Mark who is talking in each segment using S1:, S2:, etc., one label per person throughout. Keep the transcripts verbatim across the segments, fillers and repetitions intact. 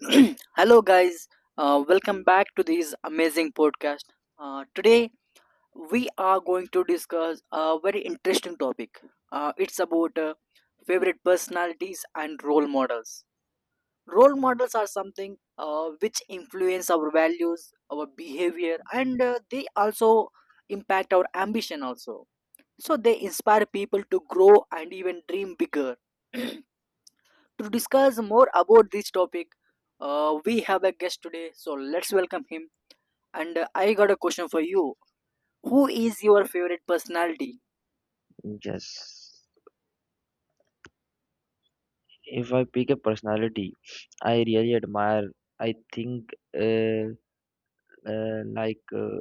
S1: Hello, guys. Uh, welcome back to this amazing podcast. Uh, today, we are going to discuss a very interesting topic. Uh, it's about uh, favorite personalities and role models. Role models are something uh, which influence our values, our behavior, and uh, they also impact our ambition. Also, so they inspire people to grow and even dream bigger. To discuss more about this topic, uh, we have a guest today, so let's welcome him. And uh, I got a question for you. Who is your favorite personality?
S2: Yes. If I pick a personality I really admire, I think uh, uh, like uh,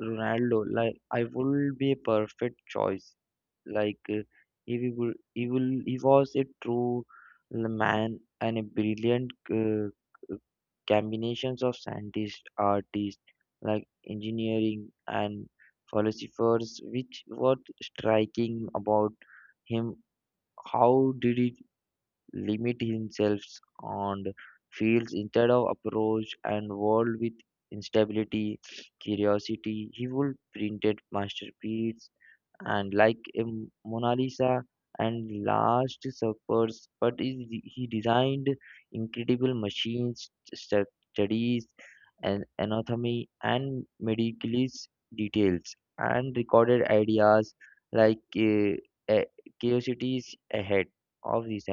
S2: Ronaldo, like I would be a perfect choice. Like uh, he will, he will, he was a true man and a brilliant uh, combinations of scientists, artists, like engineering and philosophers. Which what striking about him? How did he limit himself on fields instead of approach and world with instability, curiosity. He would printed masterpiece and like a Mona Lisa and Last Suppers, but he, he designed incredible machines, stu- studies, and anatomy and medical details and recorded ideas like uh, uh, curiosities ahead of this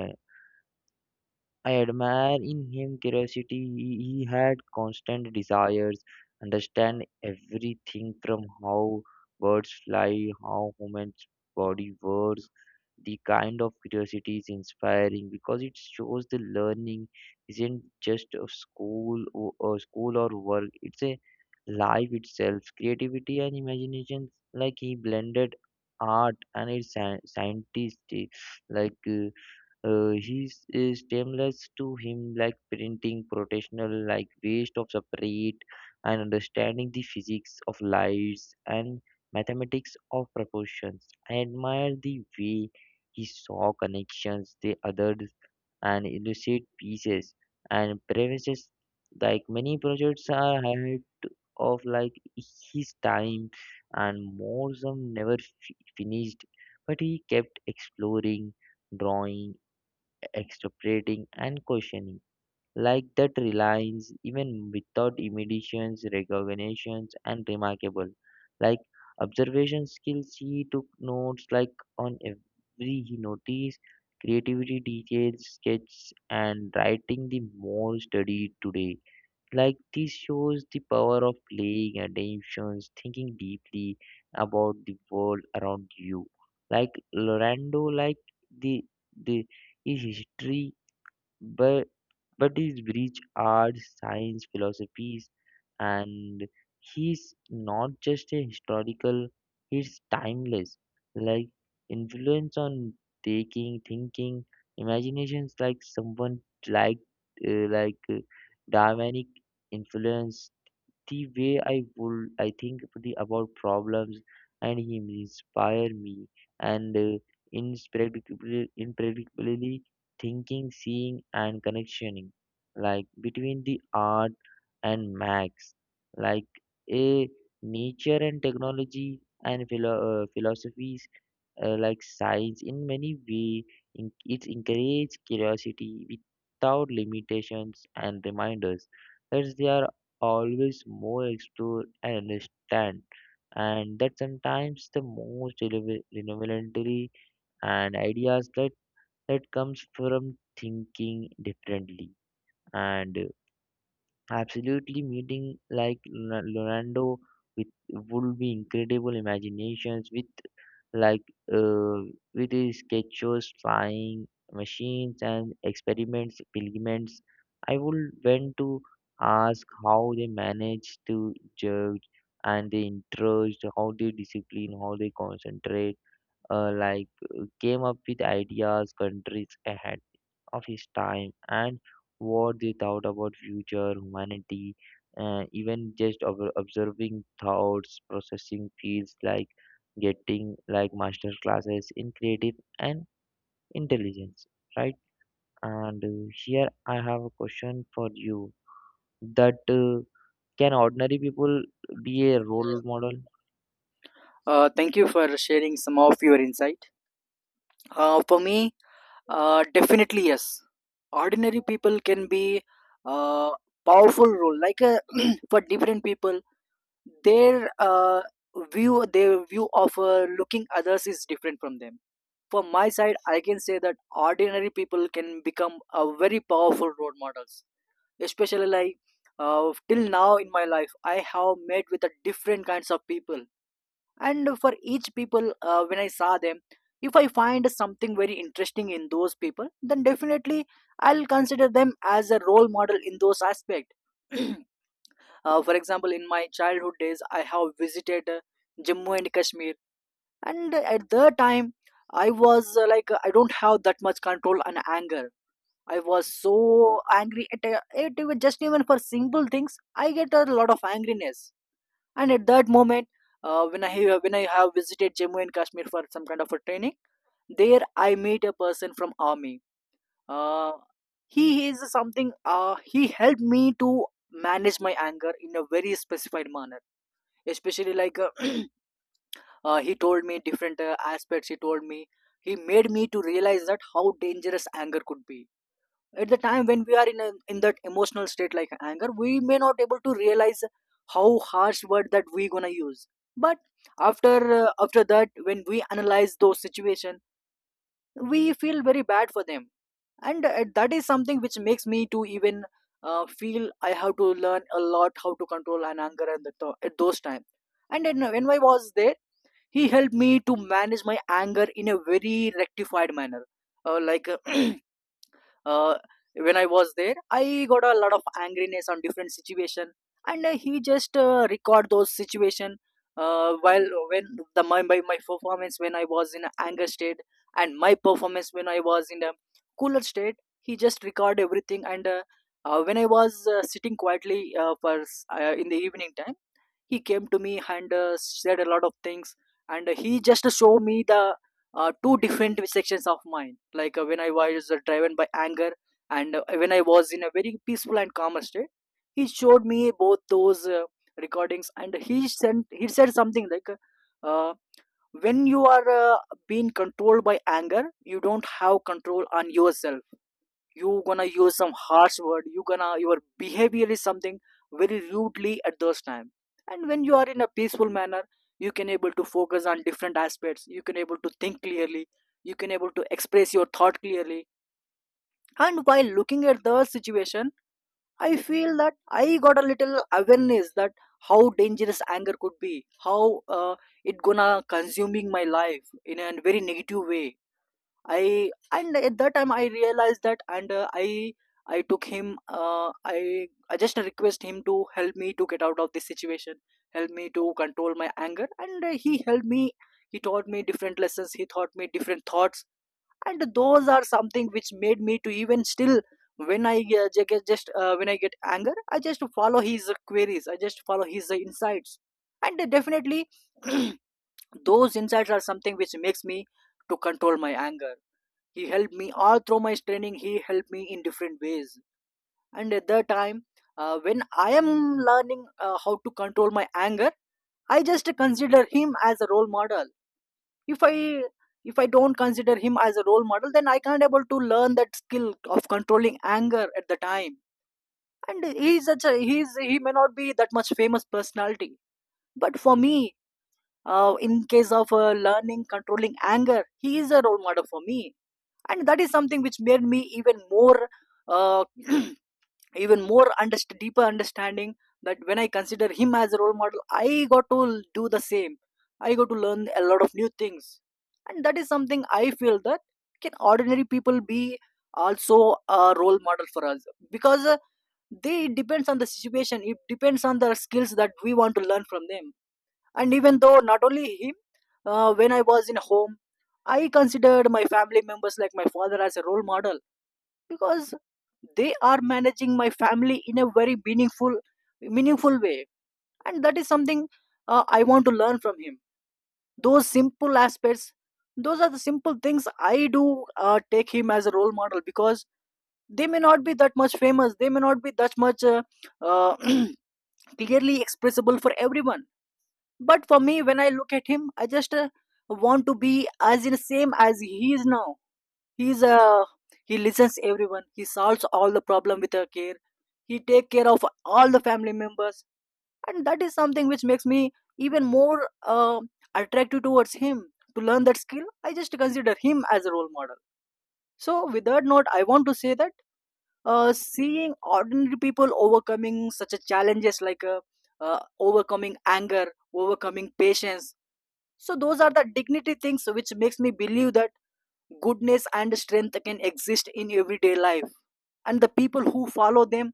S2: I admire in him curiosity. He, he had constant desires, understand everything from how birds fly, how humans body works. The kind of curiosity is inspiring because it shows the learning isn't just a school or, or school or work. It's a life itself. Creativity and imagination, like he blended art and its scientific, like. Uh, uh, he's is is timeless to him, like printing, professional, like waste of separate, and understanding the physics of lights and mathematics of proportions. I admire the way he saw connections, the others, and illustrate pieces and premises. Like many projects are ahead of like his time, and more some never f- finished, but he kept exploring drawing extrapolating and questioning, like that reliance even without imitations, recognitions, and remarkable. Like observation skills, he took notes like on every he noticed, creativity details, sketches, and writing the more studied today. Like this shows the power of paying attentions, thinking deeply about the world around you. Like Lorando, like the the his history but but he's breach art, science, philosophies, and he's not just a historical. He's timeless. Like influence on taking, thinking, imaginations. Like someone like uh, like uh, Darwinic influence the way I would I think the, about problems and he inspire me and uh, inspredicably impredictably thinking, seeing and connectioning like between the art and max like a nature and technology and philo- uh, philosophies uh, like science in many ways in, it encourages curiosity without limitations and reminders that they are always more explored and understand and that sometimes the most releva- revelatory and ideas that that comes from thinking differently and absolutely, meeting like Lona- Leonardo with would be incredible imaginations with like uh, with his sketches, flying machines, and experiments, pilgrims. I would want to ask how they manage to judge and they interest, how they discipline, how they concentrate uh, like uh, came up with ideas countries ahead of his time and what they thought about future humanity uh, even just ob- observing thoughts processing feels like getting like master classes in creative and intelligence right and uh, here I have a question for you that uh, can ordinary people be a role model?
S1: Uh, thank you for sharing some of your insight. Uh, for me, uh, definitely yes. Ordinary people can be a powerful role. Like uh, for different people, their uh, view, their view of uh, looking others is different from them. From my side I can say that ordinary people can become a very powerful role models, especially like uh, till now in my life I have met with a different kinds of people. And for each people, uh, when I saw them, if I find something very interesting in those people, then definitely I'll consider them as a role model in those aspect. uh, for example, in my childhood days, I have visited uh, Jammu and Kashmir. And at the time, i was uh, like I don't have that much control and anger. I was so angry at uh, it, even just even for simple things I get a lot of angriness. And at that moment, uh, when i have- when i have visited Jammu and Kashmir for some kind of a training, there I meet a person from army. Uh, he is something uh, he helped me to manage my anger in a very specified manner, especially like uh, uh, he told me different uh, aspects. He told me, he made me to realize that how dangerous anger could be. At the time when we are in a, in that emotional state like anger, we may not able to realize how harsh word that we gonna use. But after uh, after that, when we analyze those situation, we feel very bad for them. And uh, that is something which makes me to even uh, feel I have to learn a lot how to control an anger. And the th- at those time, and then when I was there, he helped me to manage my anger in a very rectified manner. Uh, like uh, when I was there, I got a lot of angriness on different situation. And uh, he just uh, record those situation. Uh, while when the my, my my performance when I was in a anger state and my performance when I was in a cooler state, he just record everything and. Uh, uh, when I was uh, sitting quietly uh, for s- uh, in the evening time, he came to me and uh, said a lot of things. And he just showed me the uh, two different sections of mine, like uh, when I was uh, driven by anger, and uh, when I was in a very peaceful and calm state. He showed me both those uh, recordings, and he sent he said something like uh, when you are uh, being controlled by anger, you don't have control on yourself. You gonna use some harsh word, you gonna, your behavior is something very rudely at those time. And when you are in a peaceful manner, you can able to focus on different aspects, you can able to think clearly, you can able to express your thought clearly. And while looking at the situation, I feel that I got a little awareness that how dangerous anger could be, how uh, it gonna consuming my life in a very negative way. I, and at that time I realized that. And uh, I I took him, uh, I I just request him to help me to get out of this situation, help me to control my anger. And uh, he helped me, he taught me different lessons, he taught me different thoughts. And those are something which made me to even still when I uh, ju- get just uh, when I get anger, I just follow his queries, I just follow his uh, insights. And uh, definitely those insights are something which makes me to control my anger. He helped me all through my training, he helped me in different ways. And at that time, uh, when I am learning uh, how to control my anger, I just consider him as a role model. if i if I don't consider him as a role model, then I can't able to learn that skill of controlling anger at the time. And he's such a he's he may not be that much famous personality, but for me, uh, in case of uh, learning controlling anger, he is a role model for me. And that is something which made me even more uh, even more underst- deeper understanding that when I consider him as a role model, I got to do the same, I got to learn a lot of new things. And that is something I feel, that can ordinary people be also a role model for us. Because uh, they, it depends on the situation, it depends on the skills that we want to learn from them. And even though not only him, uh, when I was in home, I considered my family members like my father as a role model, because they are managing my family in a very meaningful meaningful way. And that is something uh, I want to learn from him, those simple aspects. Those are the simple things I do, uh, take him as a role model, because they may not be that much famous, they may not be that much uh, uh, clearly expressible for everyone. But for me, when I look at him, I just uh, want to be as in same as he is now. He's uh, he listens everyone. He solves all the problem with her care. He take care of all the family members, and that is something which makes me even more uh, attractive towards him. To learn that skill, I just consider him as a role model. So, with that note, I want to say that uh, seeing ordinary people overcoming such a challenges, like uh, uh, overcoming anger, overcoming patience, so those are the dignity things which makes me believe that goodness and strength can exist in everyday life. And the people who follow them,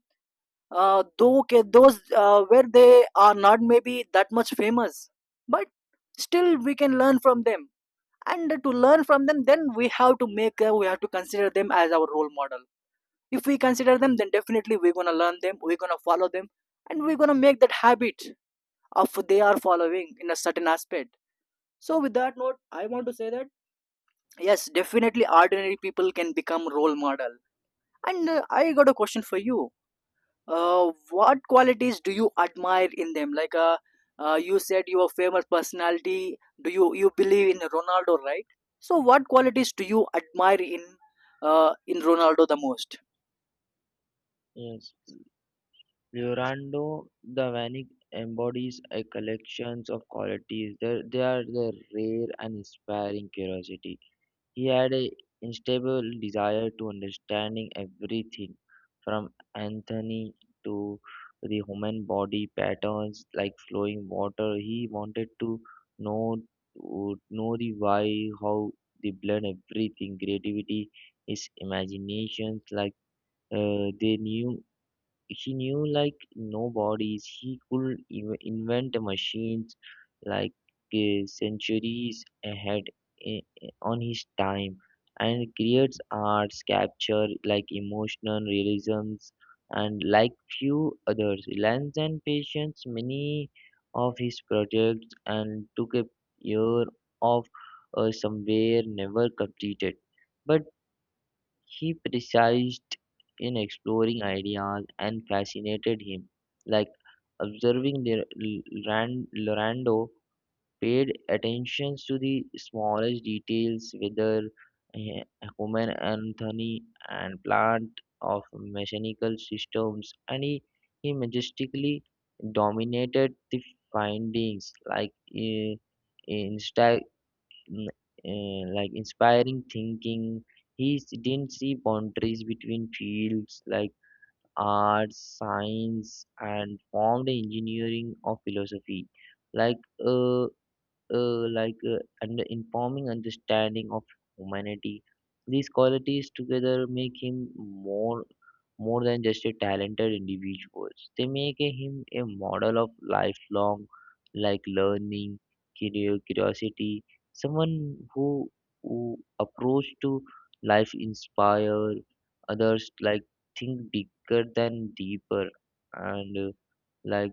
S1: uh, though okay, those uh, where they are not maybe that much famous, but still we can learn from them. And to learn from them, then we have to make uh, we have to consider them as our role model. If we consider them, then definitely we're gonna learn them, we're gonna follow them, and we're gonna make that habit of they are following in a certain aspect. So with that note, I want to say that yes, definitely ordinary people can become role model. And uh, I got a question for you. Uh, what qualities do you admire in them? Like uh, uh, you said you are famous personality. Do you you believe in Ronaldo, right? So what qualities do you admire in uh, in Ronaldo the most?
S2: Yes, Leonardo the Vinci embodies a collection of qualities that they are the rare and inspiring curiosity. He had an unstable desire to understanding everything from anatomy to the human body patterns like flowing water. He wanted to know to know the why, how they blend everything, creativity, his imaginations like uh, they knew he knew like no. He could inv- invent machines like uh, centuries ahead i- on his time and creates arts capture like emotional realisms and like few others lens and patience many of his projects and took a year of uh, somewhere never completed but he persisted in exploring ideas and fascinated him. Like observing the Ran- Lorando paid attention to the smallest details, whether eh, human anatomy and plant of mechanical systems, and he, he majestically dominated the findings. Like eh, insta- mm, eh, like inspiring thinking. He s- didn't see boundaries between fields like arts, science, and formed engineering or philosophy. Like uh, uh, like uh, and informing understanding of humanity. These qualities together make him more more than just a talented individual. They make him a model of lifelong like learning, curio- curiosity, someone who, who approach to life inspire others like think bigger than deeper and uh, like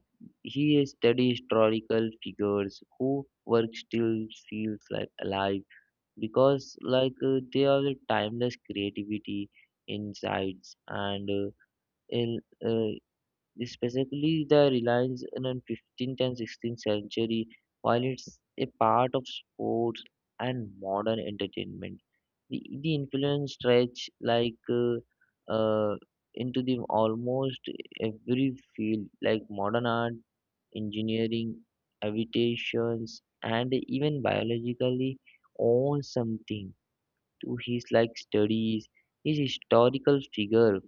S2: he studies historical figures who work still feels like alive because like uh, they are the timeless creativity, insights, and uh, in uh, specifically the reliance on fifteenth and sixteenth century. While it's a part of sports and modern entertainment, the, the influence stretch like uh, uh, into the almost every field like modern art engineering, habitations, and even biologically own something to his like studies. His historical figure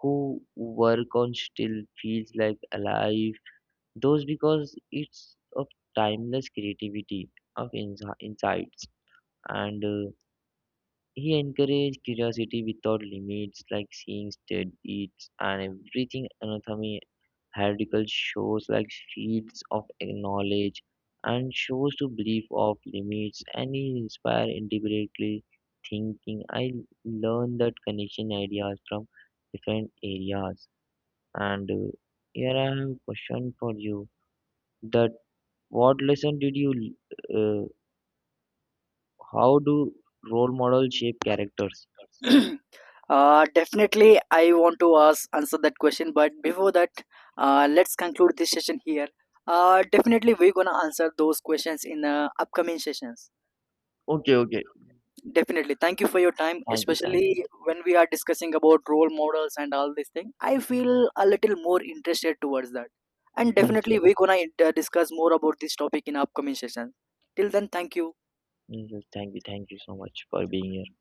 S2: who work on still feels like alive. Those because it's of timeless creativity of insi- insights and uh, he encouraged curiosity without limits like seeing dead eats and everything anatomy heretical shows like Fields of Knowledge and shows to belief of limits and it inspire individually thinking. I learned that connection ideas from different areas. And uh, here I have a question for you that what lesson did you uh, how do role models shape characters?
S1: Uh, definitely, I want to ask answer that question. But before that, uh, let's conclude this session here. Uh, definitely, we're gonna answer those questions in uh, upcoming sessions.
S2: Okay, okay.
S1: Definitely. Thank you for your time,
S2: Thank you, thank you.
S1: especially when we are discussing about role models and all this thing. I feel a little more interested towards that. And
S2: Yes,
S1: definitely,
S2: yes,
S1: we're gonna uh, discuss more about this topic in upcoming session. Till then, thank you.
S2: yes, yes, thank you, thank you so much for being here.